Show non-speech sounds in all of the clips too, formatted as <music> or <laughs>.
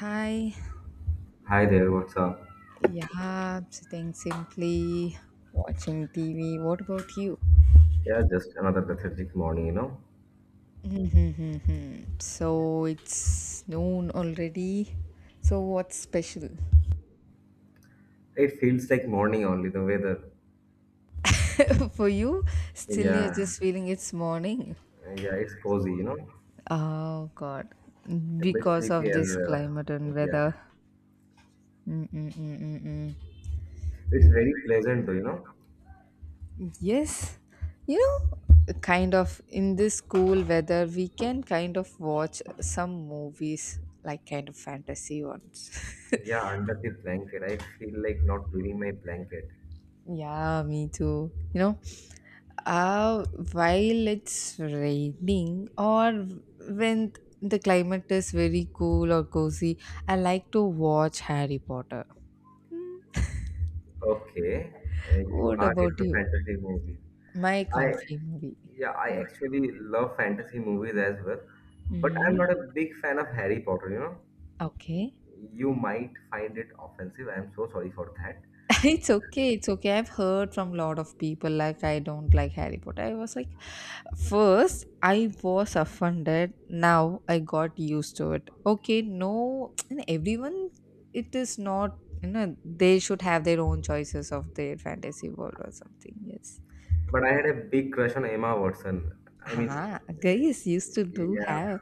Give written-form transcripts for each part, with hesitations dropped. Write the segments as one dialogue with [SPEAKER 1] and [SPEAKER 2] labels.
[SPEAKER 1] Hi.
[SPEAKER 2] Hi there, what's up?
[SPEAKER 1] Yeah, sitting simply watching TV. What about you? <laughs>
[SPEAKER 2] Yeah, just another pathetic morning, you know.
[SPEAKER 1] Mhm. So it's noon already. So what's special
[SPEAKER 2] It feels like morning only, the weather.
[SPEAKER 1] <laughs> for you? Still, you're
[SPEAKER 2] Yeah,
[SPEAKER 1] just feeling it's morning.
[SPEAKER 2] yeah, it's cozy, you know.
[SPEAKER 1] Oh God,
[SPEAKER 2] A bit
[SPEAKER 1] because
[SPEAKER 2] sleepy
[SPEAKER 1] of
[SPEAKER 2] as
[SPEAKER 1] this
[SPEAKER 2] well.
[SPEAKER 1] climate and
[SPEAKER 2] Yeah,
[SPEAKER 1] weather. Mm-mm-mm-mm-mm.
[SPEAKER 2] it's very pleasant though, you know.
[SPEAKER 1] Yes, kind of in this cool weather, we can kind of watch some movies like kind of fantasy ones. <laughs>
[SPEAKER 2] Yeah, under the blanket, I feel like not leaving my blanket.
[SPEAKER 1] Yeah, me too. You know, uh, while it's raining or when the climate is very cool or cozy, I like to watch Harry Potter. Hmm,
[SPEAKER 2] Okay, you
[SPEAKER 1] what
[SPEAKER 2] are
[SPEAKER 1] about
[SPEAKER 2] into
[SPEAKER 1] you?
[SPEAKER 2] fantasy movies.
[SPEAKER 1] My
[SPEAKER 2] I,
[SPEAKER 1] comfy movie.
[SPEAKER 2] yeah, I actually love fantasy movies as well, but
[SPEAKER 1] Hmm.
[SPEAKER 2] I'm not a big fan of Harry Potter, you know.
[SPEAKER 1] Okay.
[SPEAKER 2] You might find it offensive. I'm so sorry for that.
[SPEAKER 1] <laughs> It's okay, it's okay. I've heard from a lot of people like I don't like Harry Potter. I was like, first I was offended. Now I got used to it. Okay, no, <tsk> and everyone, it is not. You know, they should have their own choices of their fantasy world or something. Yes.
[SPEAKER 2] But I had a big crush on Emma Watson. I mean,
[SPEAKER 1] Ah, guys used to do
[SPEAKER 2] yeah,
[SPEAKER 1] have,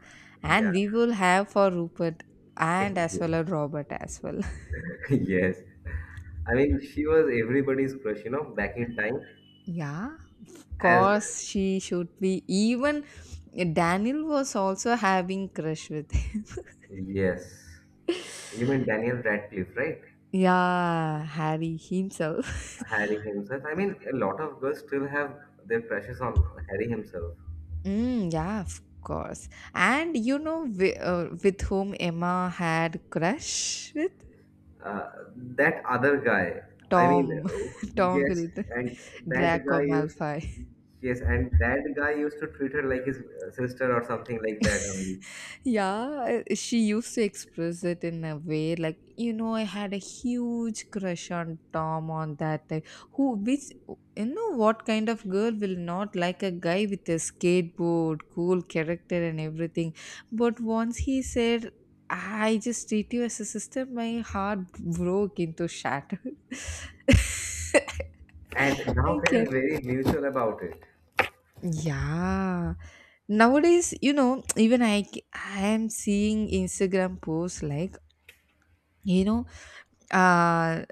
[SPEAKER 2] yeah,
[SPEAKER 1] and we will have for Rupert and as well
[SPEAKER 2] <laughs>
[SPEAKER 1] as Robert as well.
[SPEAKER 2] yes. I mean, she was everybody's crush, you know, back in time.
[SPEAKER 1] <laughs> Yeah,
[SPEAKER 2] As
[SPEAKER 1] course she should be even Daniel was also having crush with him.
[SPEAKER 2] yes, you mean Daniel Radcliffe, right?
[SPEAKER 1] <laughs> Yeah, Harry himself.
[SPEAKER 2] Harry himself. I mean, a lot of girls still have their crushes on Harry himself.
[SPEAKER 1] <laughs> Mm, yeah, of course. And you know, with whom Emma had crush with.
[SPEAKER 2] Uh, that other guy. I mean,
[SPEAKER 1] Tom.
[SPEAKER 2] oh,
[SPEAKER 1] <laughs> Tom
[SPEAKER 2] yes,
[SPEAKER 1] Hiddleston,
[SPEAKER 2] and that
[SPEAKER 1] Draco
[SPEAKER 2] guy used.
[SPEAKER 1] Malfoy.
[SPEAKER 2] Yes, and that guy used to treat her like his sister or something like that only.
[SPEAKER 1] Yeah, she used to express it in a way like, you know, I had a huge crush on Tom on that time. Who, which, you know, what kind of girl will not like a guy with a skateboard, cool character, and everything? But once he said, I just treat you as a sister, my heart broke into shatter. <laughs>
[SPEAKER 2] And
[SPEAKER 1] I
[SPEAKER 2] now they are
[SPEAKER 1] can.
[SPEAKER 2] very neutral about it.
[SPEAKER 1] Yeah, nowadays, you know, even I am seeing Instagram posts like, you know, uh,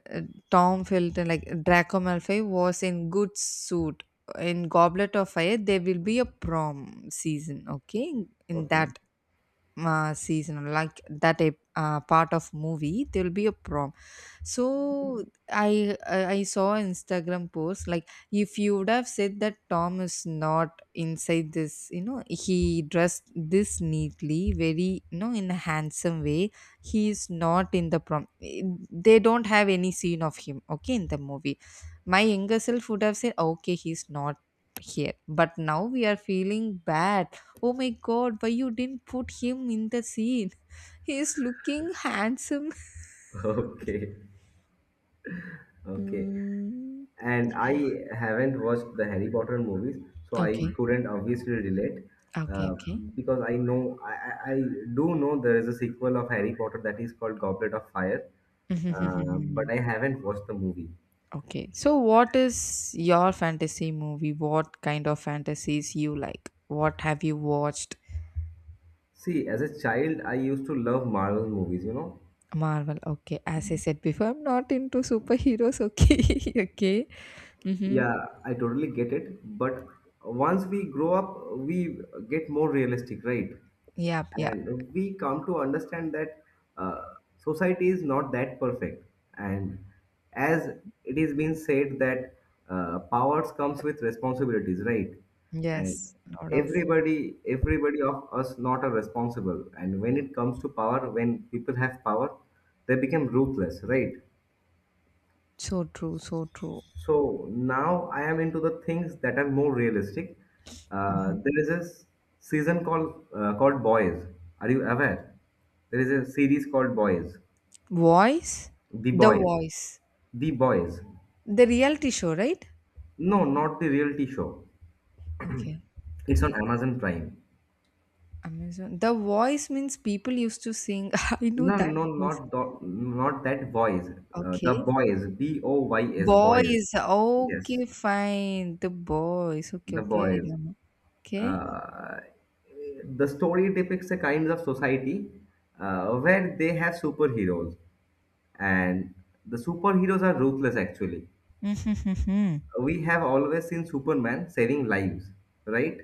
[SPEAKER 1] Tom Felton, like Draco Malfoy, was in good suit. In Goblet of Fire, there will be a prom season. Okay, in
[SPEAKER 2] Okay.
[SPEAKER 1] that season, like that part of movie, there will be a prom, so I saw Instagram post like if you would have said that Tom is not inside this, you know, he dressed this neatly, very, you know, in a handsome way. He is not in the prom. They don't have any scene of him. Okay, in the movie, my younger self would have said, okay, he's not here. But now we are feeling bad. Oh my God, why you didn't put him in the scene? <laughs> He is looking handsome. <laughs>
[SPEAKER 2] <laughs> Okay. Okay.
[SPEAKER 1] Mm.
[SPEAKER 2] And I haven't watched the Harry Potter movies, so I
[SPEAKER 1] Okay.
[SPEAKER 2] couldn't obviously relate.
[SPEAKER 1] Okay,
[SPEAKER 2] Uh,
[SPEAKER 1] okay.
[SPEAKER 2] because I do know there is a sequel of Harry Potter that is called Goblet of Fire,
[SPEAKER 1] <laughs>
[SPEAKER 2] but
[SPEAKER 1] Mhm.
[SPEAKER 2] I haven't watched the movie.
[SPEAKER 1] Okay. So what is your fantasy movie? What kind of fantasies you like? What have you watched?
[SPEAKER 2] See, as a child, I used to love Marvel movies, you know.
[SPEAKER 1] Marvel. Okay. As I said before, I'm not into superheroes. Okay. <laughs> Okay. Mm-hmm.
[SPEAKER 2] Yeah, I totally get it. But once we grow up, we get more realistic, right?
[SPEAKER 1] Yeah. Yeah.
[SPEAKER 2] And we come to understand that society is not that perfect. And as it is being said that powers comes with responsibilities, right? And
[SPEAKER 1] Yes. Lot of.
[SPEAKER 2] everybody of us not are responsible. And when it comes to power, when people have power, they become ruthless, right?
[SPEAKER 1] So true. So true.
[SPEAKER 2] So now I am into the things that are more realistic.
[SPEAKER 1] Mhm.
[SPEAKER 2] There is a s- season called called Boys. Are you aware? There is a series called Boys.
[SPEAKER 1] Voice.
[SPEAKER 2] The
[SPEAKER 1] The
[SPEAKER 2] Boys.
[SPEAKER 1] voice.
[SPEAKER 2] The Boys.
[SPEAKER 1] The reality show, right?
[SPEAKER 2] No, not the reality show.
[SPEAKER 1] Okay.
[SPEAKER 2] It's on Amazon Prime.
[SPEAKER 1] Amazon. The voice means people used to sing. <laughs> I know
[SPEAKER 2] No,
[SPEAKER 1] that.
[SPEAKER 2] no,
[SPEAKER 1] Voice.
[SPEAKER 2] not the, not that Boys. The
[SPEAKER 1] Okay.
[SPEAKER 2] Boys. B O Y S. Boys.
[SPEAKER 1] Boys. Okay,
[SPEAKER 2] Yes,
[SPEAKER 1] fine. The boys. Okay,
[SPEAKER 2] the
[SPEAKER 1] okay. I
[SPEAKER 2] Boys.
[SPEAKER 1] don't know. Okay.
[SPEAKER 2] uh, the story depicts a kind of society where they have superheroes, and the superheroes are ruthless actually.
[SPEAKER 1] Mm-hmm.
[SPEAKER 2] We have always seen superman saving lives, right?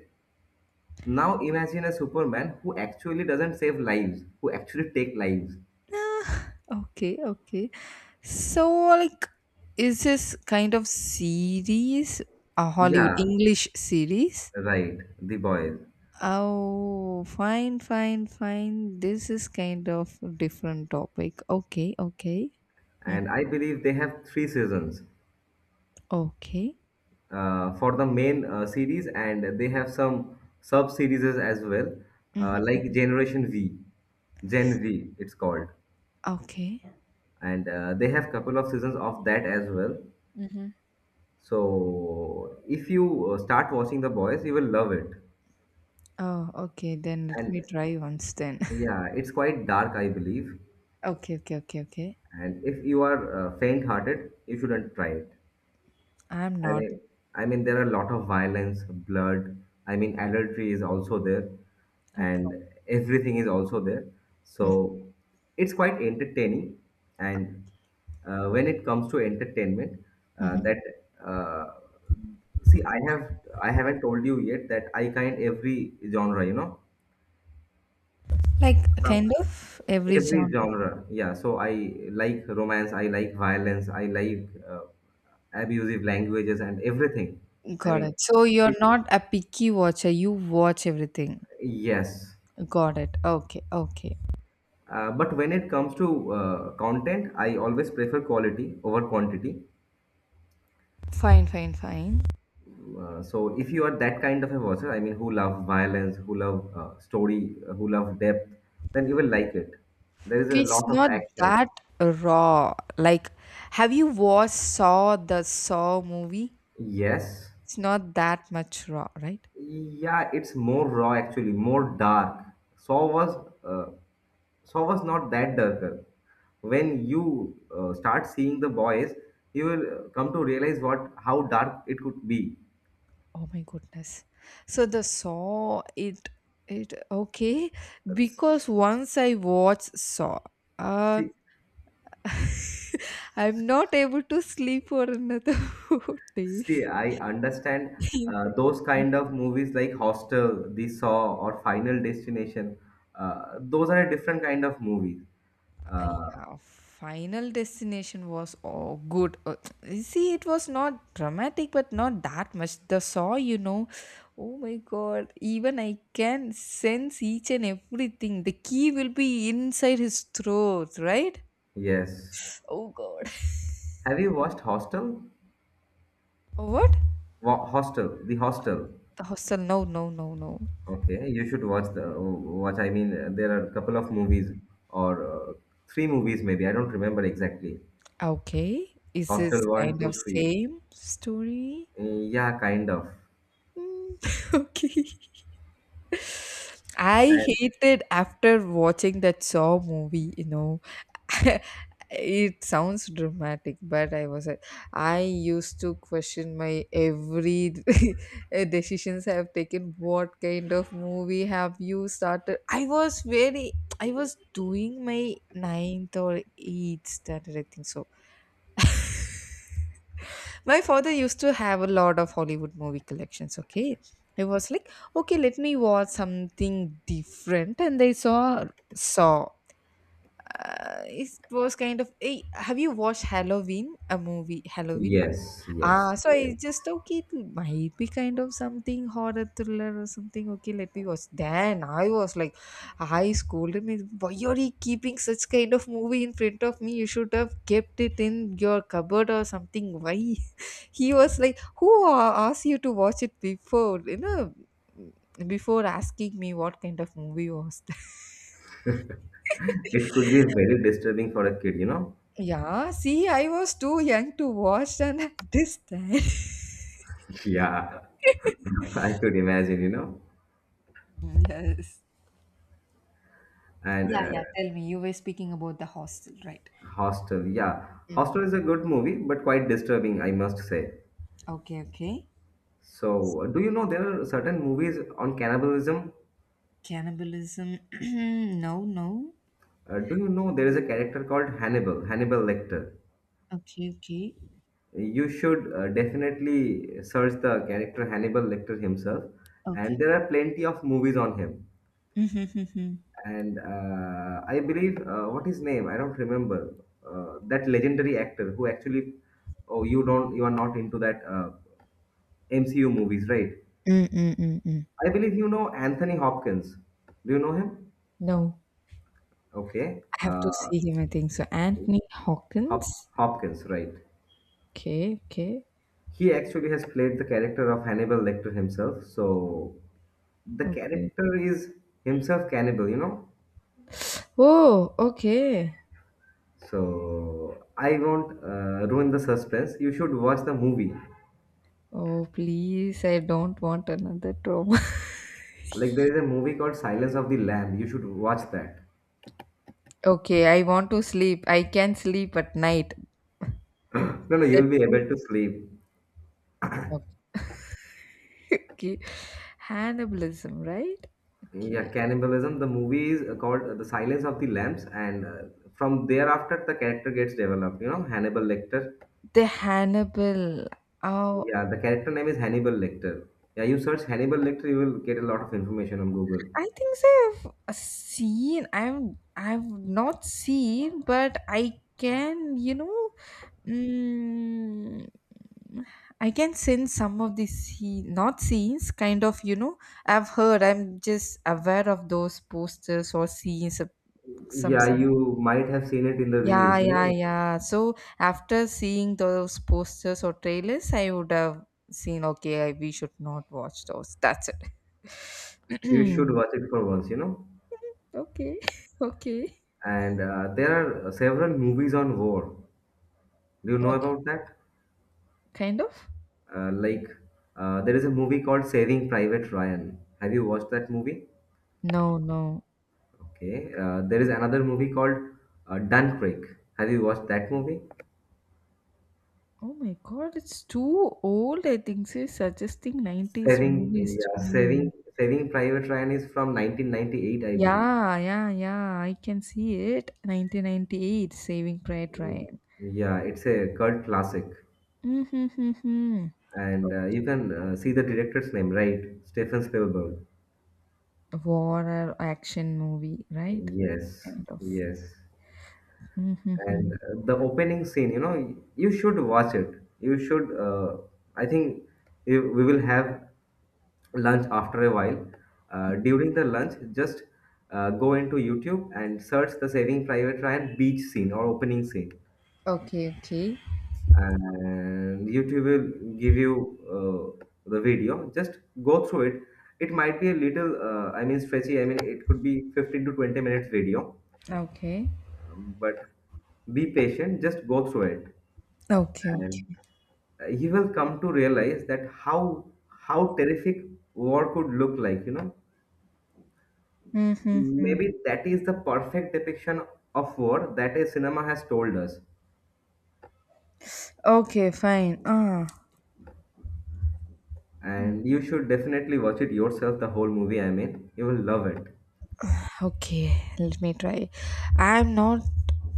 [SPEAKER 2] Now imagine a superman who actually doesn't save lives, who actually take lives.
[SPEAKER 1] Okay, okay. <laughs> So, like, is this kind of series a Hollywood
[SPEAKER 2] Yeah,
[SPEAKER 1] English series?
[SPEAKER 2] right, the boys.
[SPEAKER 1] Oh, fine, fine, fine. This is kind of different topic. Okay, okay. Mm.
[SPEAKER 2] And I believe they have 3 seasons
[SPEAKER 1] Okay.
[SPEAKER 2] for the main series, and they have some sub series as well,
[SPEAKER 1] Mhm.
[SPEAKER 2] like Generation V, Gen V, it's called,
[SPEAKER 1] Okay.
[SPEAKER 2] and they have couple of seasons of that as well.
[SPEAKER 1] Mhm.
[SPEAKER 2] So if you start watching The Boys, you will love it,
[SPEAKER 1] Oh, okay. Then let
[SPEAKER 2] and
[SPEAKER 1] me try once then. <laughs>
[SPEAKER 2] yeah, it's quite dark, I believe.
[SPEAKER 1] Okay, okay, okay, okay.
[SPEAKER 2] And if you are faint-hearted, you shouldn't try it.
[SPEAKER 1] I'm
[SPEAKER 2] I
[SPEAKER 1] not.
[SPEAKER 2] mean, I mean, there are a lot of violence, blood. I mean, adultery is also there,
[SPEAKER 1] No problem.
[SPEAKER 2] and everything is also there.
[SPEAKER 1] Mhm,
[SPEAKER 2] So it's quite entertaining. And when it comes to entertainment,
[SPEAKER 1] mhm.
[SPEAKER 2] that uh, see, I haven't told you yet that I kind every genre, you know.
[SPEAKER 1] Like
[SPEAKER 2] So
[SPEAKER 1] kind of every
[SPEAKER 2] every
[SPEAKER 1] genre.
[SPEAKER 2] genre, yeah, so I like romance, I like violence, I like abusive languages and everything. i
[SPEAKER 1] Got
[SPEAKER 2] mean
[SPEAKER 1] it. So you're
[SPEAKER 2] with-
[SPEAKER 1] not a picky watcher. You watch everything.
[SPEAKER 2] yes.
[SPEAKER 1] Got it. Okay. Okay.
[SPEAKER 2] But when it comes to content, I always prefer quality over quantity.
[SPEAKER 1] Fine. Fine. Fine.
[SPEAKER 2] So if you are that kind of a watcher, I mean, who love violence, who love story, who love depth, then you will like it. There is
[SPEAKER 1] Okay,
[SPEAKER 2] a
[SPEAKER 1] it's
[SPEAKER 2] lot of
[SPEAKER 1] not
[SPEAKER 2] actions.
[SPEAKER 1] that raw. Like, have you watched Saw, the Saw movie?
[SPEAKER 2] Yes.
[SPEAKER 1] It's not that much raw, right?
[SPEAKER 2] Yeah, it's more raw actually, more dark. Saw was uh, Saw was not that darker. When you start seeing the boys, you will come to realize what how dark it could be.
[SPEAKER 1] Oh my goodness. So the Saw, it okay because once I watched Saw. uh,
[SPEAKER 2] See,
[SPEAKER 1] <laughs> I'm not able to sleep for another <laughs> 4
[SPEAKER 2] See,
[SPEAKER 1] days.
[SPEAKER 2] I understand
[SPEAKER 1] <laughs>
[SPEAKER 2] those kind of movies like Hostel, The Saw, or Final Destination. Those are a different kind of movies. Uh,
[SPEAKER 1] Yeah, Final Destination was oh, good. You see, it was not dramatic, but not that much. The saw, you know, oh my god, even I can sense each and everything. The key will be inside his throat, right?
[SPEAKER 2] yes.
[SPEAKER 1] Oh god.
[SPEAKER 2] Have you watched Hostel?
[SPEAKER 1] What?
[SPEAKER 2] Hostel, The Hostel.
[SPEAKER 1] The hostel? No, no, no, no.
[SPEAKER 2] Okay, you should watch the watch. I mean, there are a couple of movies or three movies maybe. I don't remember exactly.
[SPEAKER 1] Okay. Is this
[SPEAKER 2] Hostel one,
[SPEAKER 1] kind
[SPEAKER 2] two,
[SPEAKER 1] of
[SPEAKER 2] three.
[SPEAKER 1] same story?
[SPEAKER 2] Yeah, kind of.
[SPEAKER 1] <laughs> Okay. I
[SPEAKER 2] And
[SPEAKER 1] hated after watching that Saw movie, you know. <laughs> It sounds dramatic, but I was like, I used to question my every <laughs> decisions I have taken. What kind of movie have you started? I was very, I was doing my ninth or eighth standard, I think so my father used to have a lot of Hollywood movie collections, okay? I was like, okay, let me watch something different. And I saw Saw. It was kind of, hey, have you watched Halloween? A movie, Halloween?
[SPEAKER 2] yes,
[SPEAKER 1] Ah,
[SPEAKER 2] yes,
[SPEAKER 1] so I
[SPEAKER 2] yes.
[SPEAKER 1] just okay, it might be kind of something horror thriller or something. Okay, let me watch. Then I was like, I scolded me. Why are you keeping such kind of movie in front of me? You should have kept it in your cupboard or something. Why? <laughs> He was like, who asked you to watch it before? You know, mm, before asking me what kind of movie was that. <laughs>
[SPEAKER 2] <laughs> It could be very disturbing for a kid, you know.
[SPEAKER 1] Yeah, see, I was too young to watch and <laughs> this understand.
[SPEAKER 2] Yeah, <laughs> I could imagine, you know.
[SPEAKER 1] <laughs> Yes.
[SPEAKER 2] And
[SPEAKER 1] Yeah, yeah. Tell me. You were speaking about the hostel, right?
[SPEAKER 2] Hostel, yeah,
[SPEAKER 1] Mm.
[SPEAKER 2] Hostel is a good movie, but quite disturbing, I must say.
[SPEAKER 1] Okay, okay.
[SPEAKER 2] So, do you know there are certain movies on cannibalism?
[SPEAKER 1] Cannibalism. <clears throat> No, no.
[SPEAKER 2] Do you know there is a character called Hannibal, Hannibal Lecter?
[SPEAKER 1] Okay, okay.
[SPEAKER 2] You should definitely search the character Hannibal Lecter himself,
[SPEAKER 1] Okay.
[SPEAKER 2] and there are plenty of movies on him.
[SPEAKER 1] <laughs> Mm-hmm.
[SPEAKER 2] And I believe what his name? I don't remember. That legendary actor who actually, Oh, you don't, you are not into that MCU movies, right?
[SPEAKER 1] Mm-mm-mm-mm.
[SPEAKER 2] I believe you know Anthony Hopkins. Do you know him?
[SPEAKER 1] No,
[SPEAKER 2] Okay,
[SPEAKER 1] I have to see him, I think. So, Anthony Hawkins.
[SPEAKER 2] Hopkins, right?
[SPEAKER 1] Okay, okay,
[SPEAKER 2] He actually has played the character of Hannibal Lecter himself, so the
[SPEAKER 1] okay.
[SPEAKER 2] character is himself cannibal, you know.
[SPEAKER 1] Oh, okay.
[SPEAKER 2] So I won't ruin the suspense. You should watch the movie.
[SPEAKER 1] Oh, please, I don't want another trauma.
[SPEAKER 2] Like there is a movie called Silence of the Lamb. You should watch that.
[SPEAKER 1] <laughs> Okay, I want to sleep. I can sleep at night.
[SPEAKER 2] <clears throat> <laughs> No,
[SPEAKER 1] Is
[SPEAKER 2] no,
[SPEAKER 1] that
[SPEAKER 2] you'll be
[SPEAKER 1] true?
[SPEAKER 2] able to sleep.
[SPEAKER 1] Okay. <laughs> Okay. Cannibalism, right? Okay.
[SPEAKER 2] Yeah, cannibalism. The movie is called The Silence of the Lambs, and from thereafter the character gets developed. You know, Hannibal Lecter.
[SPEAKER 1] The Hannibal. Oh,
[SPEAKER 2] Yeah, the character name is Hannibal Lecter. Yeah, you search Hannibal Lecter, you will get a lot of information on Google.
[SPEAKER 1] I think so I've seen. I'm. I've not seen, but I can. You know. Mm, I can sense some of the scene, not scenes, kind of. You know. I've heard. I'm just aware of those posters or scenes. Of some
[SPEAKER 2] Yeah,
[SPEAKER 1] some.
[SPEAKER 2] you might have seen it in the
[SPEAKER 1] Yeah,
[SPEAKER 2] reels, you
[SPEAKER 1] yeah,
[SPEAKER 2] know.
[SPEAKER 1] yeah. So after seeing those posters or trailers, I would have seen. Okay, I, we should not watch those. That's it.
[SPEAKER 2] You
[SPEAKER 1] <clears throat>
[SPEAKER 2] should watch it for once, you know.
[SPEAKER 1] Okay. <laughs> Okay.
[SPEAKER 2] And there are several movies on war. Do you know
[SPEAKER 1] Okay,
[SPEAKER 2] about that?
[SPEAKER 1] kind of.
[SPEAKER 2] Uh, like, there is a movie called Saving Private Ryan. Have you watched that movie?
[SPEAKER 1] No, no.
[SPEAKER 2] Okay. There is another movie called Dunkirk. Have you watched that movie?
[SPEAKER 1] Oh my god, it's too old. I think she's suggesting 90s
[SPEAKER 2] Saving,
[SPEAKER 1] movies to
[SPEAKER 2] yeah,
[SPEAKER 1] me.
[SPEAKER 2] Saving, Saving Private Ryan is from 1998, I believe.
[SPEAKER 1] Yeah, yeah, yeah. I can see it. 1998, Saving Private Ryan.
[SPEAKER 2] Yeah, it's a cult classic,
[SPEAKER 1] Mm-hmm.
[SPEAKER 2] and you can see the director's name, right? Stephen Spielberg.
[SPEAKER 1] War or action movie, right?
[SPEAKER 2] Yes,
[SPEAKER 1] Kind of.
[SPEAKER 2] yes.
[SPEAKER 1] Mm-hmm.
[SPEAKER 2] And the opening scene, you know, you should watch it. You should. I think we will have lunch after a while. During the lunch, just go into YouTube and search the Saving Private Ryan beach scene or opening scene.
[SPEAKER 1] Okay, okay.
[SPEAKER 2] And YouTube will give you the video. Just go through it. It might be a little, I mean, stretchy. I mean, it could be 15 to 20 minutes video,
[SPEAKER 1] Okay.
[SPEAKER 2] but be patient. Just go through it,
[SPEAKER 1] Okay,
[SPEAKER 2] and
[SPEAKER 1] okay.
[SPEAKER 2] you will come to realize that how terrific war could look like. You know,
[SPEAKER 1] Mm-hmm.
[SPEAKER 2] maybe that is the perfect depiction of war that a cinema has told us.
[SPEAKER 1] Okay, fine. Ah.
[SPEAKER 2] And you should definitely watch it yourself, the whole movie. I mean, you will love it.
[SPEAKER 1] Okay, let me try. I'm not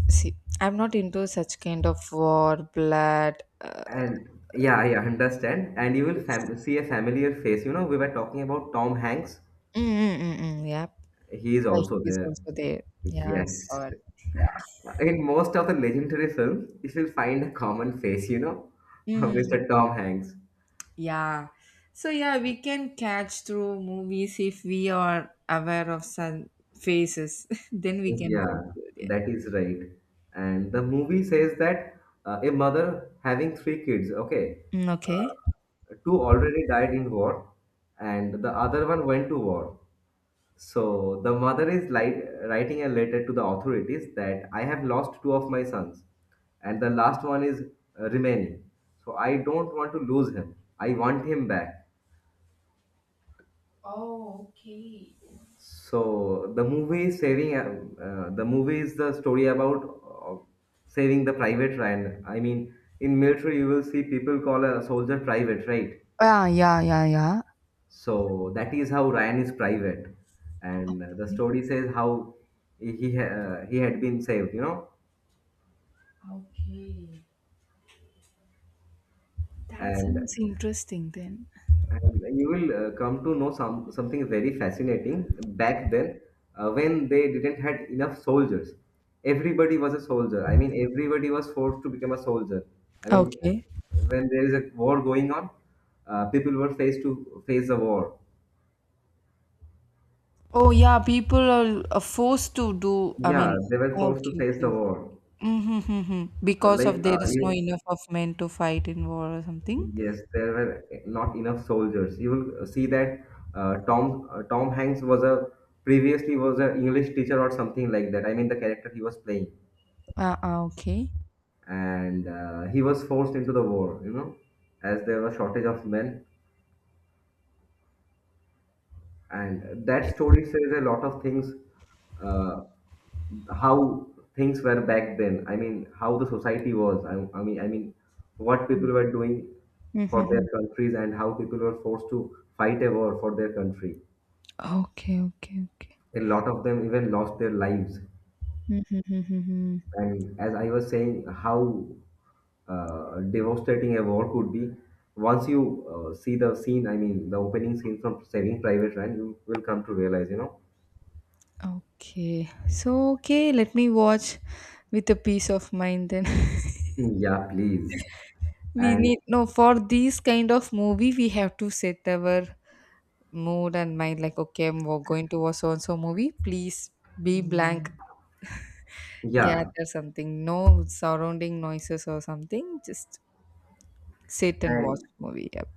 [SPEAKER 1] see. I'm not into such kind of war, blood. Uh,
[SPEAKER 2] And yeah, yeah, understand. And you will fam see a familiar face. You know, we were talking about Tom Hanks.
[SPEAKER 1] mm, mm, mm, mm, yeah,
[SPEAKER 2] He is
[SPEAKER 1] yeah,
[SPEAKER 2] also
[SPEAKER 1] she's
[SPEAKER 2] there.
[SPEAKER 1] also there. Yeah, saw
[SPEAKER 2] Yes.
[SPEAKER 1] it. Yeah.
[SPEAKER 2] In most of the legendary films, you will find a common face, you know, <laughs>
[SPEAKER 1] Mm,
[SPEAKER 2] Mr. Tom Hanks.
[SPEAKER 1] yeah. So yeah, we can catch through movies if we are aware of some faces. <laughs> Then we can go
[SPEAKER 2] Yeah,
[SPEAKER 1] through there.
[SPEAKER 2] that is right. And the movie says that a mother having 3 kids, okay,
[SPEAKER 1] Mm, okay.
[SPEAKER 2] uh, two already died in war, and the other one went to war. So the mother is writing a letter to the authorities that I have lost two of my sons, and the last one is remaining. So I don't want to lose him. I want him back.
[SPEAKER 1] Oh, okay.
[SPEAKER 2] So the movie is saving. The movie is the story about uh, saving the private Ryan. I mean, in military you will see people call a soldier private, right?
[SPEAKER 1] Yeah, yeah, yeah, yeah.
[SPEAKER 2] So that is how Ryan is private, and the story says how he had been saved. You know.
[SPEAKER 1] Okay. That
[SPEAKER 2] And,
[SPEAKER 1] sounds interesting then.
[SPEAKER 2] and you will come to know something very fascinating back then when they didn't had enough soldiers. Everybody was a soldier, I mean, everybody was forced to become a soldier. i mean
[SPEAKER 1] Okay.
[SPEAKER 2] when there is a war going on, people were faced to face the war.
[SPEAKER 1] Oh yeah, people are forced to do. I
[SPEAKER 2] Yeah,
[SPEAKER 1] mean,
[SPEAKER 2] they were forced to
[SPEAKER 1] okay,
[SPEAKER 2] face
[SPEAKER 1] okay,
[SPEAKER 2] the
[SPEAKER 1] okay.
[SPEAKER 2] war.
[SPEAKER 1] Mm-hmm.
[SPEAKER 2] Uh,
[SPEAKER 1] Because
[SPEAKER 2] like
[SPEAKER 1] of
[SPEAKER 2] uh,
[SPEAKER 1] there is no
[SPEAKER 2] you,
[SPEAKER 1] enough of men to fight in war or something.
[SPEAKER 2] Yes, there were not enough soldiers. You will see that Tom Hanks was a previously was an English teacher or something like that. I mean the character he was playing,
[SPEAKER 1] Ah, ah, okay.
[SPEAKER 2] and he was forced into the war. You know, as there was shortage of men, and that story says a lot of things. Uh, how things were back then. I mean, how the society was. I mean, what people were doing for their
[SPEAKER 1] Mm-hmm.
[SPEAKER 2] countries and how people were forced to fight a war for their country.
[SPEAKER 1] Okay, okay, okay.
[SPEAKER 2] A lot of them even lost their lives.
[SPEAKER 1] Mm-hmm. Mm-hmm, mm-hmm.
[SPEAKER 2] And as I was saying, how devastating a war could be. Once you see the scene, I mean, the opening scene from Saving Private Ryan, you will come to realize, you know.
[SPEAKER 1] Okay. So okay, let me watch with a peace of mind then.
[SPEAKER 2] Yeah, please.
[SPEAKER 1] <laughs> We
[SPEAKER 2] And
[SPEAKER 1] need no for these kind of movie we have to set our mood and mind like okay, I'm going to watch so and so movie. Please be blank.
[SPEAKER 2] yeah,
[SPEAKER 1] Gather something, no surrounding noises or something, just sit and watch
[SPEAKER 2] and
[SPEAKER 1] movie. Yep.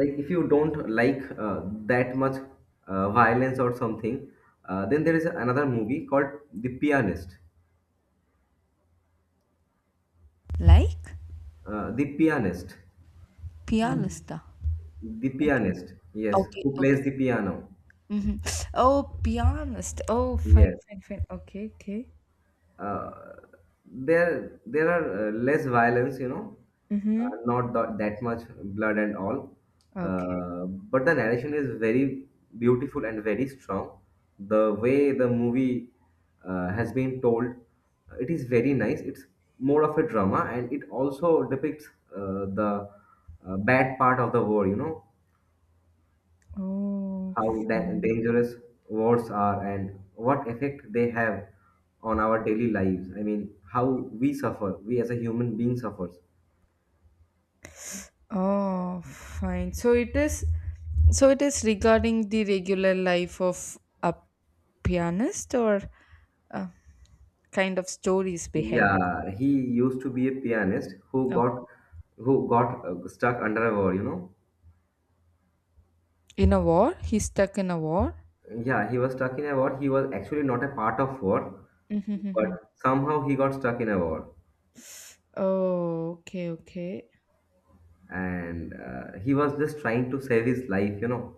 [SPEAKER 2] like if you don't like that much violence or something, then there is another movie called The Pianist.
[SPEAKER 1] Like
[SPEAKER 2] The Pianist.
[SPEAKER 1] Mm. Pianista.
[SPEAKER 2] The
[SPEAKER 1] Like
[SPEAKER 2] Pianist. Yes,
[SPEAKER 1] okay,
[SPEAKER 2] who
[SPEAKER 1] okay.
[SPEAKER 2] plays the piano.
[SPEAKER 1] Mm-hmm. Oh, pianist. Oh, fine,
[SPEAKER 2] Yes,
[SPEAKER 1] fine, fine. Okay, okay.
[SPEAKER 2] uh, there are less violence, you know,
[SPEAKER 1] Mm-hmm.
[SPEAKER 2] not that much blood and all,
[SPEAKER 1] Okay.
[SPEAKER 2] but the narration is very beautiful and very strong. The way the movie has been told, it is very nice. It's more of a drama, and it also depicts the bad part of the war, you know,
[SPEAKER 1] Oh,
[SPEAKER 2] how da-
[SPEAKER 1] fine.
[SPEAKER 2] dangerous wars are and what effect they have on our daily lives. I mean, how we suffer, we as a human being suffers.
[SPEAKER 1] Oh, fine. So it is. So it is regarding the regular life of a pianist, or uh, kind of stories behind it.
[SPEAKER 2] Yeah, he used to be a pianist who
[SPEAKER 1] Okay.
[SPEAKER 2] got, who got stuck under a war, you know.
[SPEAKER 1] In a war, he's stuck in a war,
[SPEAKER 2] Yeah, he was stuck in a war. He was actually not a part of war,
[SPEAKER 1] <laughs> mm-hmm.
[SPEAKER 2] but somehow he got stuck in a war,
[SPEAKER 1] Oh, okay, okay.
[SPEAKER 2] and he was just trying to save his life, you know.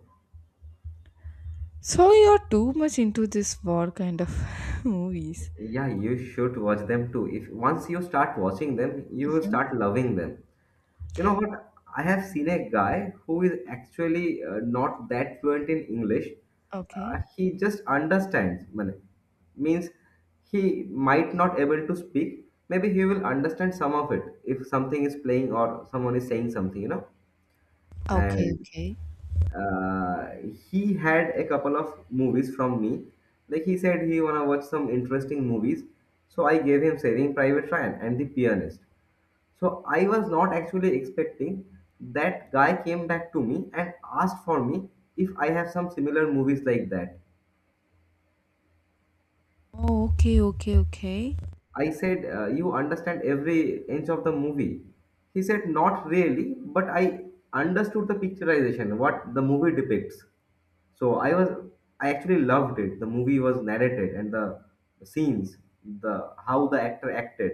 [SPEAKER 1] So you're too much into this war kind of <laughs> movies.
[SPEAKER 2] Yeah, you should watch them too. If once you start watching them, you will
[SPEAKER 1] Mhm.
[SPEAKER 2] start loving them. You know what? I have seen a guy who is actually not that fluent in English.
[SPEAKER 1] Okay.
[SPEAKER 2] He just understands. Means he might not able to speak. Maybe he will understand some of it if something is playing or someone is saying something. You know,
[SPEAKER 1] Okay,
[SPEAKER 2] and
[SPEAKER 1] okay.
[SPEAKER 2] uh, he had a couple of movies from me. Like he said, he wanna watch some interesting movies. So I gave him Saving Private Ryan and The Pianist. So I was not actually expecting that guy came back to me and asked for me if I have some similar movies like that.
[SPEAKER 1] Oh, okay, okay, okay.
[SPEAKER 2] I said, you understand every inch of the movie. He said, not really, but I understood the picturization, what the movie depicts. So I actually loved it. The movie was narrated, and the scenes, the how the actor acted,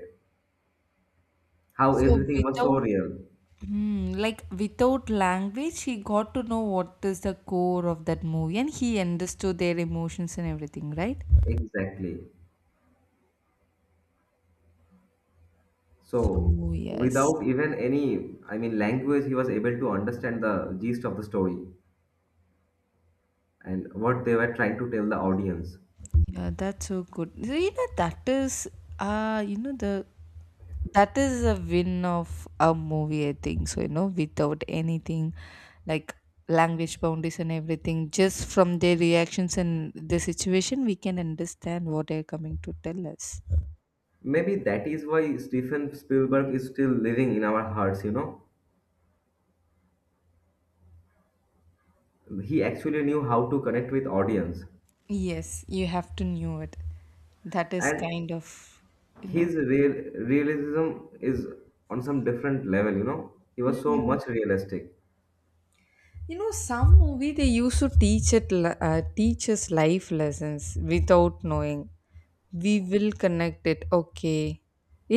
[SPEAKER 2] how
[SPEAKER 1] So
[SPEAKER 2] everything was so
[SPEAKER 1] without,
[SPEAKER 2] real.
[SPEAKER 1] hmm, like without language, he got to know what is the core of that movie, and he understood their emotions and everything, right?
[SPEAKER 2] Exactly. So
[SPEAKER 1] So yes,
[SPEAKER 2] without even any, I mean, language, he was able to understand the gist of the story and what they were trying to tell the audience.
[SPEAKER 1] yeah, that's so good. So, you know that is, you know the that is a win of a movie I think so you know without anything like language boundaries and everything just from their reactions and the situation we can understand what they're coming to tell us
[SPEAKER 2] Maybe that is why Stephen Spielberg is still living in our hearts, you know. He actually knew how to connect with audience.
[SPEAKER 1] yes you have to know it that is
[SPEAKER 2] And
[SPEAKER 1] kind of you know.
[SPEAKER 2] his realism is on some different level, you know. He was so
[SPEAKER 1] Mhm.
[SPEAKER 2] much realistic.
[SPEAKER 1] You know some movie they used to teach it teach us life lessons without knowing we will connect it okay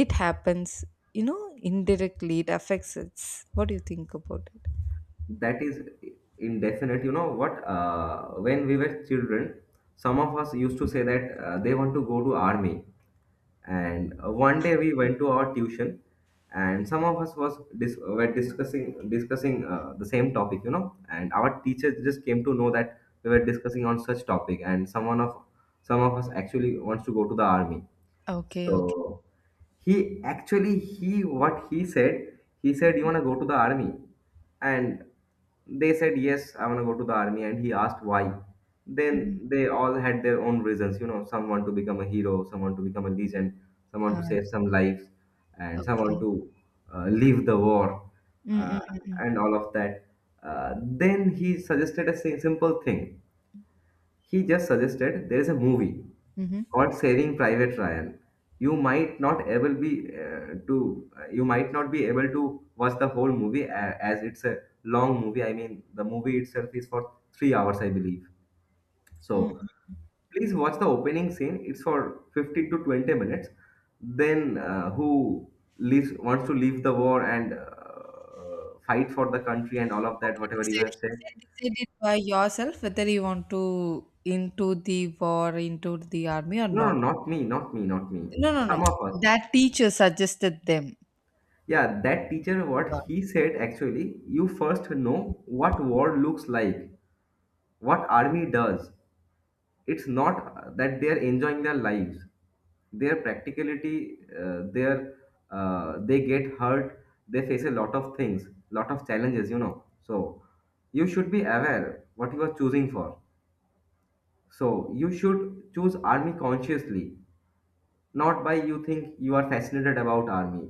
[SPEAKER 1] it happens you know indirectly it affects us what do you think about it
[SPEAKER 2] That is indefinite, you know what, when we were children, some of us used to say that they want to go to army, and one day we went to our tuition, and some of us were discussing the same topic, you know, and our teacher just came to know that we were discussing on such topic, and some of us actually wants to go to the army.
[SPEAKER 1] okay
[SPEAKER 2] So
[SPEAKER 1] okay.
[SPEAKER 2] he actually he what he said he said, you want to go to the army, and they said, yes, I want to go to the army, and he asked why. Then
[SPEAKER 1] Mhm.
[SPEAKER 2] they all had their own reasons, you know, someone to become a hero, someone to become a legend, someone to
[SPEAKER 1] Ah,
[SPEAKER 2] save some lives, and someone
[SPEAKER 1] okay,
[SPEAKER 2] to leave the war, uh,
[SPEAKER 1] mm-hmm.
[SPEAKER 2] and all of that. Then he suggested a simple thing. He just suggested there is a movie
[SPEAKER 1] Mm-hmm.
[SPEAKER 2] called Saving Private Ryan. You might not able be to, you might not be able to watch the whole movie, as it's a long movie. I mean, the movie itself is for 3 hours, I believe.
[SPEAKER 1] Mm.
[SPEAKER 2] So please watch the opening scene. It's for 15 to 20 minutes. Then who leaves wants to leave the war and fight for the country and all of that, whatever you
[SPEAKER 1] Decide,
[SPEAKER 2] have said.
[SPEAKER 1] decide it by yourself whether you want to into the war into the army or
[SPEAKER 2] No, no,
[SPEAKER 1] not.
[SPEAKER 2] not me, not me, not me.
[SPEAKER 1] No, no, no,
[SPEAKER 2] Some of us.
[SPEAKER 1] that teacher suggested them.
[SPEAKER 2] Yeah, that teacher, what he said actually, you first know what war looks like, what army does. It's not that they are enjoying their lives. Their practicality, their, they get hurt. They face a lot of things, lot of challenges, you know. So you should be aware what you are choosing for. So you should choose army consciously, not by you think you are fascinated about army.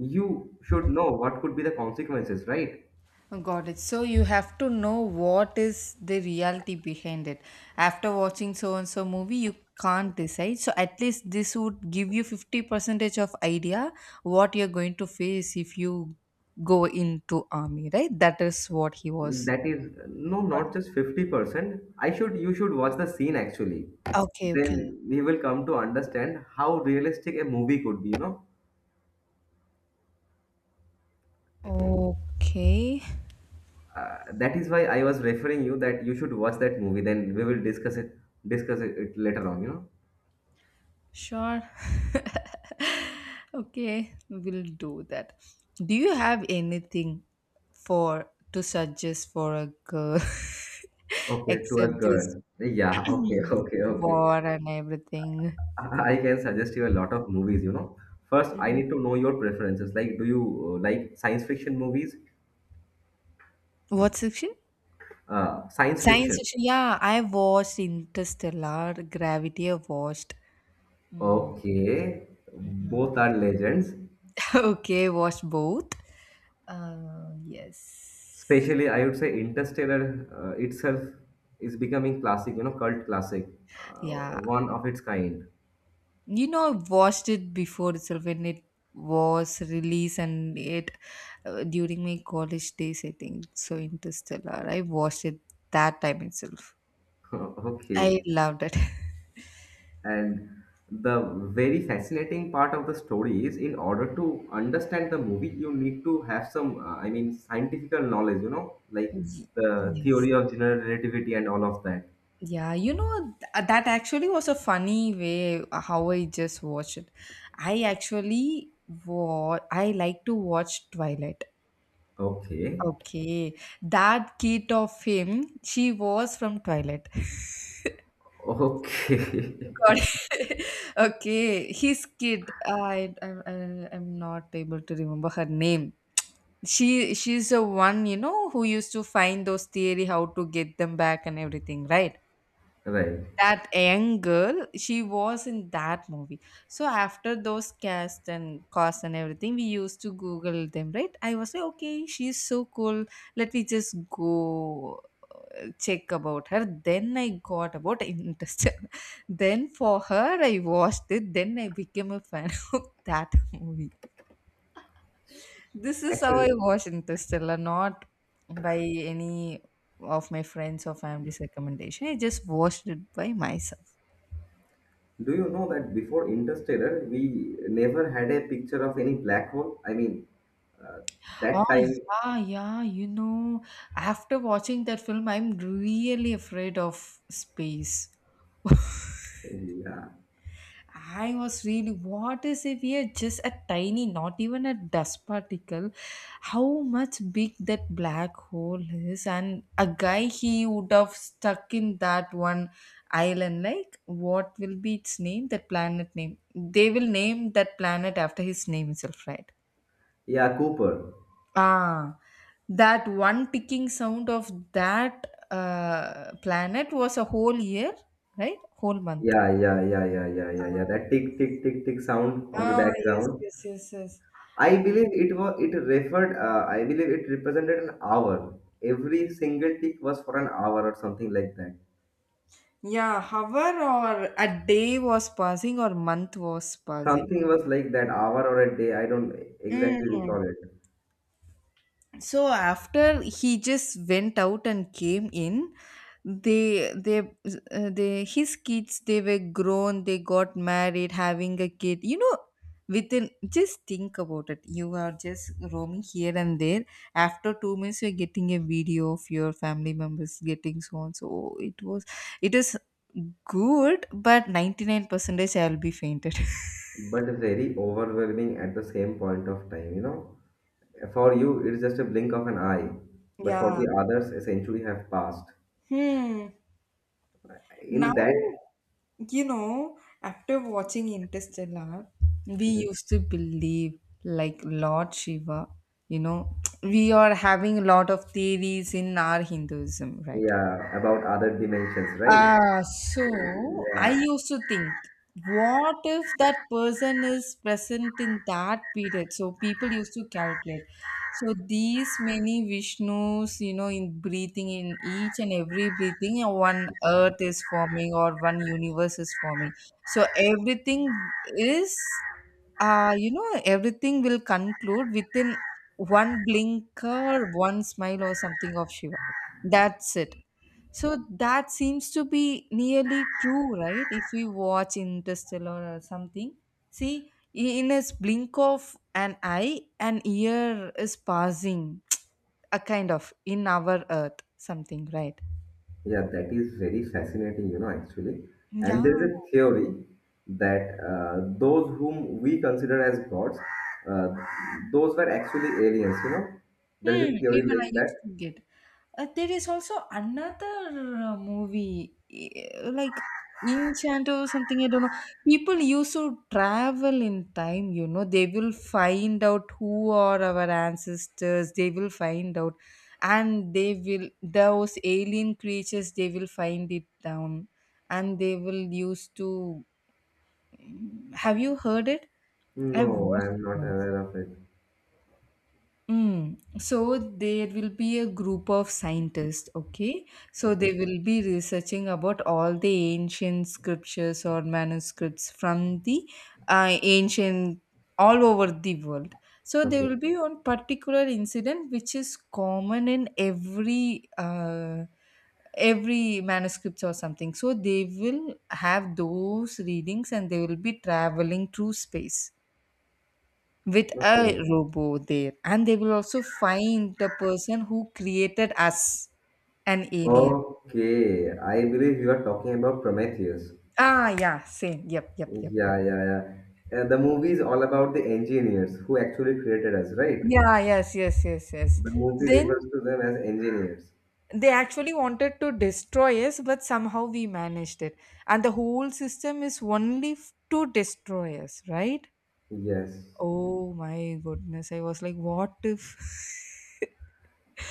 [SPEAKER 2] You should know what could be the consequences, right?
[SPEAKER 1] Oh, got it. So you have to know what is the reality behind it. After watching so and so movie, you can't decide. So at least this would give you 50 percentage of idea what you're going to face if you go into army, right? That is what he was.
[SPEAKER 2] That is no,
[SPEAKER 1] Got it.
[SPEAKER 2] not just 50%. I should, you should watch the scene actually.
[SPEAKER 1] Okay, okay.
[SPEAKER 2] Then we will come to understand how realistic a movie could be, you know.
[SPEAKER 1] Okay.
[SPEAKER 2] That is why I was referring you that you should watch that movie. Then we will discuss it later on, you know.
[SPEAKER 1] Sure. <laughs> Okay, we'll do that. Do you have anything for to suggest for a girl <laughs>
[SPEAKER 2] Okay, to a
[SPEAKER 1] except this
[SPEAKER 2] girl. Yeah, okay, <laughs>
[SPEAKER 1] <clears throat>
[SPEAKER 2] okay, okay.
[SPEAKER 1] war and everything?
[SPEAKER 2] I can suggest you a lot of movies, you know. First, I
[SPEAKER 1] Mhm.
[SPEAKER 2] need to know your preferences. Like, do you like science fiction movies?
[SPEAKER 1] What section?
[SPEAKER 2] Science
[SPEAKER 1] Science
[SPEAKER 2] fiction.
[SPEAKER 1] section. Yeah, I watched Interstellar, Gravity. I watched. Mm,
[SPEAKER 2] Okay,
[SPEAKER 1] mm,
[SPEAKER 2] both
[SPEAKER 1] mm.
[SPEAKER 2] are legends.
[SPEAKER 1] <laughs> Okay, watched both. Uh, yes.
[SPEAKER 2] Especially, I would say Interstellar itself is becoming classic, you know, cult classic,
[SPEAKER 1] Yeah,
[SPEAKER 2] one of its kind. <laughs>
[SPEAKER 1] you know I watched it before itself when it was released and it during my college days I think so Interstellar I watched it that time itself. I
[SPEAKER 2] Okay,
[SPEAKER 1] loved it. <laughs>
[SPEAKER 2] and the very fascinating part of the story is, in order to understand the movie, you need to have some, I mean, scientific knowledge, you know, like
[SPEAKER 1] Y-
[SPEAKER 2] the
[SPEAKER 1] yes,
[SPEAKER 2] theory of general relativity and all of that.
[SPEAKER 1] yeah, you know that actually was a funny way how I just watched it. I actually I like to watch Twilight.
[SPEAKER 2] Okay,
[SPEAKER 1] Okay, that kid of him, she was from Twilight. <laughs>
[SPEAKER 2] okay,
[SPEAKER 1] God. <laughs> Okay, his kid. I I'm not able to remember her name. She's the one, you know, who used to find those theory how to get them back and everything, right?
[SPEAKER 2] <laughs> right.
[SPEAKER 1] That young girl, she was in that movie. So after those cast and costs and everything, we used to Google them, right? I was like, okay, she's so cool. Let me just go check about her, then I got about interest. <laughs> Then for her I watched it, then I became a fan <laughs> of that movie. This is how I
[SPEAKER 2] Actually,
[SPEAKER 1] watch Interstellar, not by any of my friends or family's recommendation. I just watched it by myself.
[SPEAKER 2] do you know that before Interstellar, we never had a picture of any black hole? I mean, uh, that
[SPEAKER 1] Oh,
[SPEAKER 2] time,
[SPEAKER 1] yeah, yeah, you know, after watching that film, I'm really afraid of space. <laughs>
[SPEAKER 2] yeah,
[SPEAKER 1] I was really, what is if we are just a tiny, not even a dust particle? How much big that black hole is, and a guy, he would have stuck in that one island. Like, what will be its name? That planet name. They will name that planet after his name itself, right?
[SPEAKER 2] yeah, Cooper,
[SPEAKER 1] Ah, that one ticking sound of that planet was a whole year, right? Whole month.
[SPEAKER 2] yeah, yeah, yeah, yeah, yeah, yeah, yeah. That tick, tick, tick, tick sound on the
[SPEAKER 1] Ah, yes,
[SPEAKER 2] background.
[SPEAKER 1] yes, yes, yes.
[SPEAKER 2] I believe it was, it referred. I believe it represented an hour. Every single tick was for an hour or something like that.
[SPEAKER 1] Yeah, hour or a day was passing or month was passing.
[SPEAKER 2] Something was like that, hour or a day. I don't exactly
[SPEAKER 1] Mm.
[SPEAKER 2] recall it,
[SPEAKER 1] So after he just went out and came in, they his kids, they were grown, they got married having a kid, you know, within, just think about it, you are just roaming here and there. After 2 minutes, you're getting a video of your family members getting so on. So it was, it is good, but 99 percentage I'll be fainted.
[SPEAKER 2] but very overwhelming at the same point of time, you know. For you, it is just a blink of an eye,
[SPEAKER 1] <laughs>
[SPEAKER 2] but for
[SPEAKER 1] Yeah.
[SPEAKER 2] the others, a century have passed.
[SPEAKER 1] Hmm. Now,
[SPEAKER 2] In that,
[SPEAKER 1] you know, after watching Interstellar, we
[SPEAKER 2] mhm,
[SPEAKER 1] used to believe like Lord Shiva, you know, <tsk> we are having a lot of theories in our Hinduism, right?
[SPEAKER 2] yeah, about other dimensions, right?
[SPEAKER 1] So I
[SPEAKER 2] Yeah,
[SPEAKER 1] used to think, what if that person is present in that period? So people used to calculate. So these many Vishnus, you know, in breathing, in each and every breathing, one earth is forming or one universe is forming. So everything is, you know, everything will conclude within one blink or one smile or something of Shiva. That's it. So that seems to be nearly true, right? If we watch Interstellar or something, see, in a blink of an eye, an year is passing, <tsk> a kind of in our Earth, something, right?
[SPEAKER 2] yeah, that is very fascinating, you know, actually. And there is
[SPEAKER 1] Yeah.
[SPEAKER 2] a theory that those whom we consider as gods, uh, those were actually aliens, you know. There is
[SPEAKER 1] Hmm,
[SPEAKER 2] a theory
[SPEAKER 1] even I
[SPEAKER 2] like that.
[SPEAKER 1] used to get. There is also another movie, eh, like Enchanto or something, I don't know. People used to travel in time, you know. They will find out who are our ancestors, they will find out. And they will, those alien creatures, they will find it down. And they will use to. Mm, have you heard it? I've
[SPEAKER 2] No, I
[SPEAKER 1] watched
[SPEAKER 2] am
[SPEAKER 1] it
[SPEAKER 2] not
[SPEAKER 1] once.
[SPEAKER 2] aware of it.
[SPEAKER 1] Mm. So there will be a group of scientists, okay? So they
[SPEAKER 2] Okay,
[SPEAKER 1] will be researching about all the ancient scriptures or manuscripts from the ancient all over the world. So there
[SPEAKER 2] okay,
[SPEAKER 1] will be one particular incident which is common in every every manuscripts or something. So they will have those readings and they will be traveling through space with a
[SPEAKER 2] okay.
[SPEAKER 1] robo there, and they will also find the person who created us, an alien.
[SPEAKER 2] Okay, I believe you are talking about Prometheus.
[SPEAKER 1] Ah, yeah, same, yep, yep, yep, yep.
[SPEAKER 2] Yeah, yeah, yeah. And the movie is all about the engineers who actually created us, right?
[SPEAKER 1] Yeah, yes, yes, yes, yes.
[SPEAKER 2] The movie
[SPEAKER 1] Then
[SPEAKER 2] refers to them as engineers.
[SPEAKER 1] they actually wanted to destroy us, but somehow we managed it. And the whole system is only to destroy us, right?
[SPEAKER 2] Yes.
[SPEAKER 1] Oh my goodness, I was like, what if.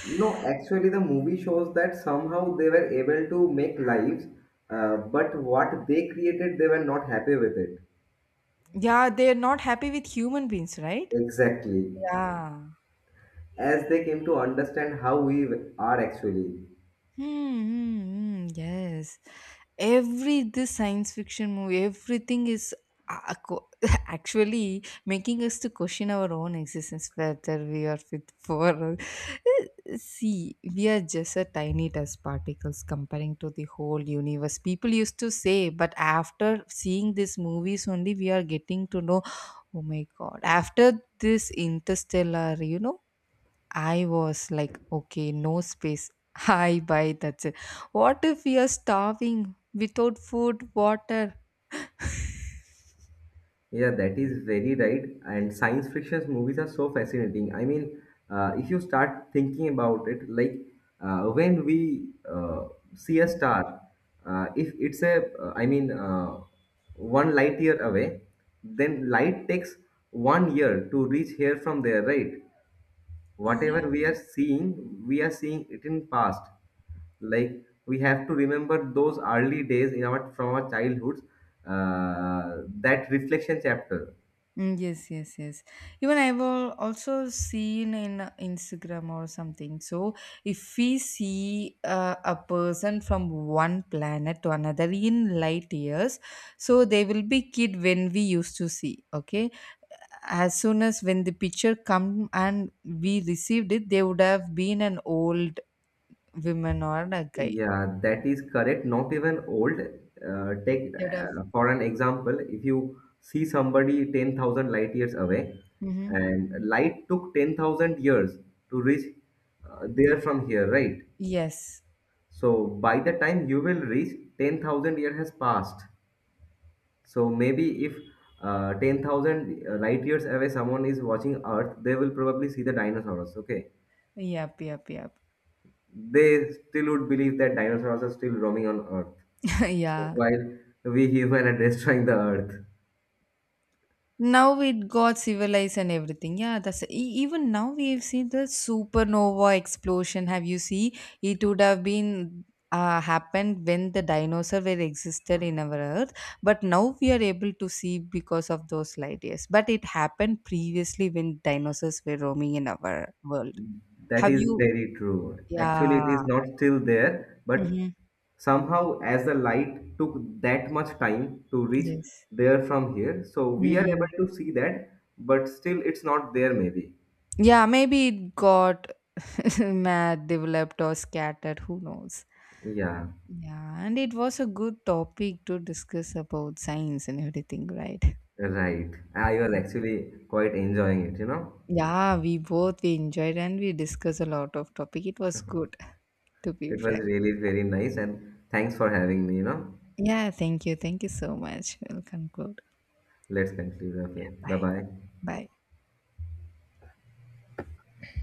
[SPEAKER 2] No, actually, the movie shows that somehow they were able to make lives, but what they created, they were not happy with it.
[SPEAKER 1] <laughs> Yeah, they're not happy with human beings, right?
[SPEAKER 2] Exactly.
[SPEAKER 1] Yeah.
[SPEAKER 2] As they came to understand how we are actually.
[SPEAKER 1] Mm-hmm. Yes. Every this science fiction movie, everything is a- a co- <laughs> actually making us to question our own existence, whether we are fit for. <laughs> See, we are just a tiny dust particles comparing to the whole universe. People used to say, but after seeing these movies only, we are getting to know. Oh my God! After this Interstellar, you know, I was like, okay, no space. <laughs> Hi, bye, that's it. What if we are starving without food, water?
[SPEAKER 2] Yeah, that is very right. And science fiction movies are so fascinating. I mean, if you start thinking about it, like when we see a star, if it's a, I mean, one light year away, then light takes 1 year to reach here from there, right?
[SPEAKER 1] Yeah.
[SPEAKER 2] Whatever we are seeing it in past. Like we have to remember those early days in our, from our childhoods, that reflection chapter.
[SPEAKER 1] Mm, yes, yes, yes. Even I've also seen in Instagram or something. So if we see a person from one planet to another in light years, so they will be kid when we used to see. Okay, as soon as when the picture come and we received it, they would have been an old women or a guy.
[SPEAKER 2] Yeah, that is correct. Not even old. Uh, take
[SPEAKER 1] They would have.
[SPEAKER 2] uh, for an example, if you see somebody 10,000 light years away,
[SPEAKER 1] Hmm.
[SPEAKER 2] and light took 10,000 years to reach there from here, right?
[SPEAKER 1] Yes.
[SPEAKER 2] So by the time you will reach, 10,000 years has passed. So maybe if 10,000 light years away someone is watching Earth, they will probably see the dinosaurs, okay?
[SPEAKER 1] Yep, yep, yep.
[SPEAKER 2] They still would believe that dinosaurs are still roaming on Earth,
[SPEAKER 1] <laughs> Yeah.
[SPEAKER 2] while we human are destroying the earth.
[SPEAKER 1] Now we got civilized and everything. Yeah, that's even now we've seen the supernova explosion. Have you see? It would have been happened when the dinosaur were existed in our earth, but now we are able to see because of those light years. But it happened previously when dinosaurs were roaming in our world.
[SPEAKER 2] That
[SPEAKER 1] Have
[SPEAKER 2] is
[SPEAKER 1] you?
[SPEAKER 2] very true. Actually, it
[SPEAKER 1] Yeah.
[SPEAKER 2] is not still there, but
[SPEAKER 1] Hmm.
[SPEAKER 2] somehow, as the light took that much time to reach
[SPEAKER 1] Yes.
[SPEAKER 2] there from here, so we are able to see that, but still, it's not there, maybe.
[SPEAKER 1] Yeah, maybe it got <laughs> mad, developed, or scattered. Who knows?
[SPEAKER 2] Yeah,
[SPEAKER 1] Yeah, and it was a good topic to discuss about science and everything, right?
[SPEAKER 2] right. I was actually quite enjoying it, you know.
[SPEAKER 1] Yeah, we both we enjoyed and we discussed a lot of topic. It was good, to be
[SPEAKER 2] It was
[SPEAKER 1] frank.
[SPEAKER 2] really very nice, and thanks for having me, you know.
[SPEAKER 1] Yeah, thank you. Thank you so much. We'll conclude.
[SPEAKER 2] Let's conclude. Okay, bye
[SPEAKER 1] Bye.
[SPEAKER 2] bye.
[SPEAKER 1] Bye.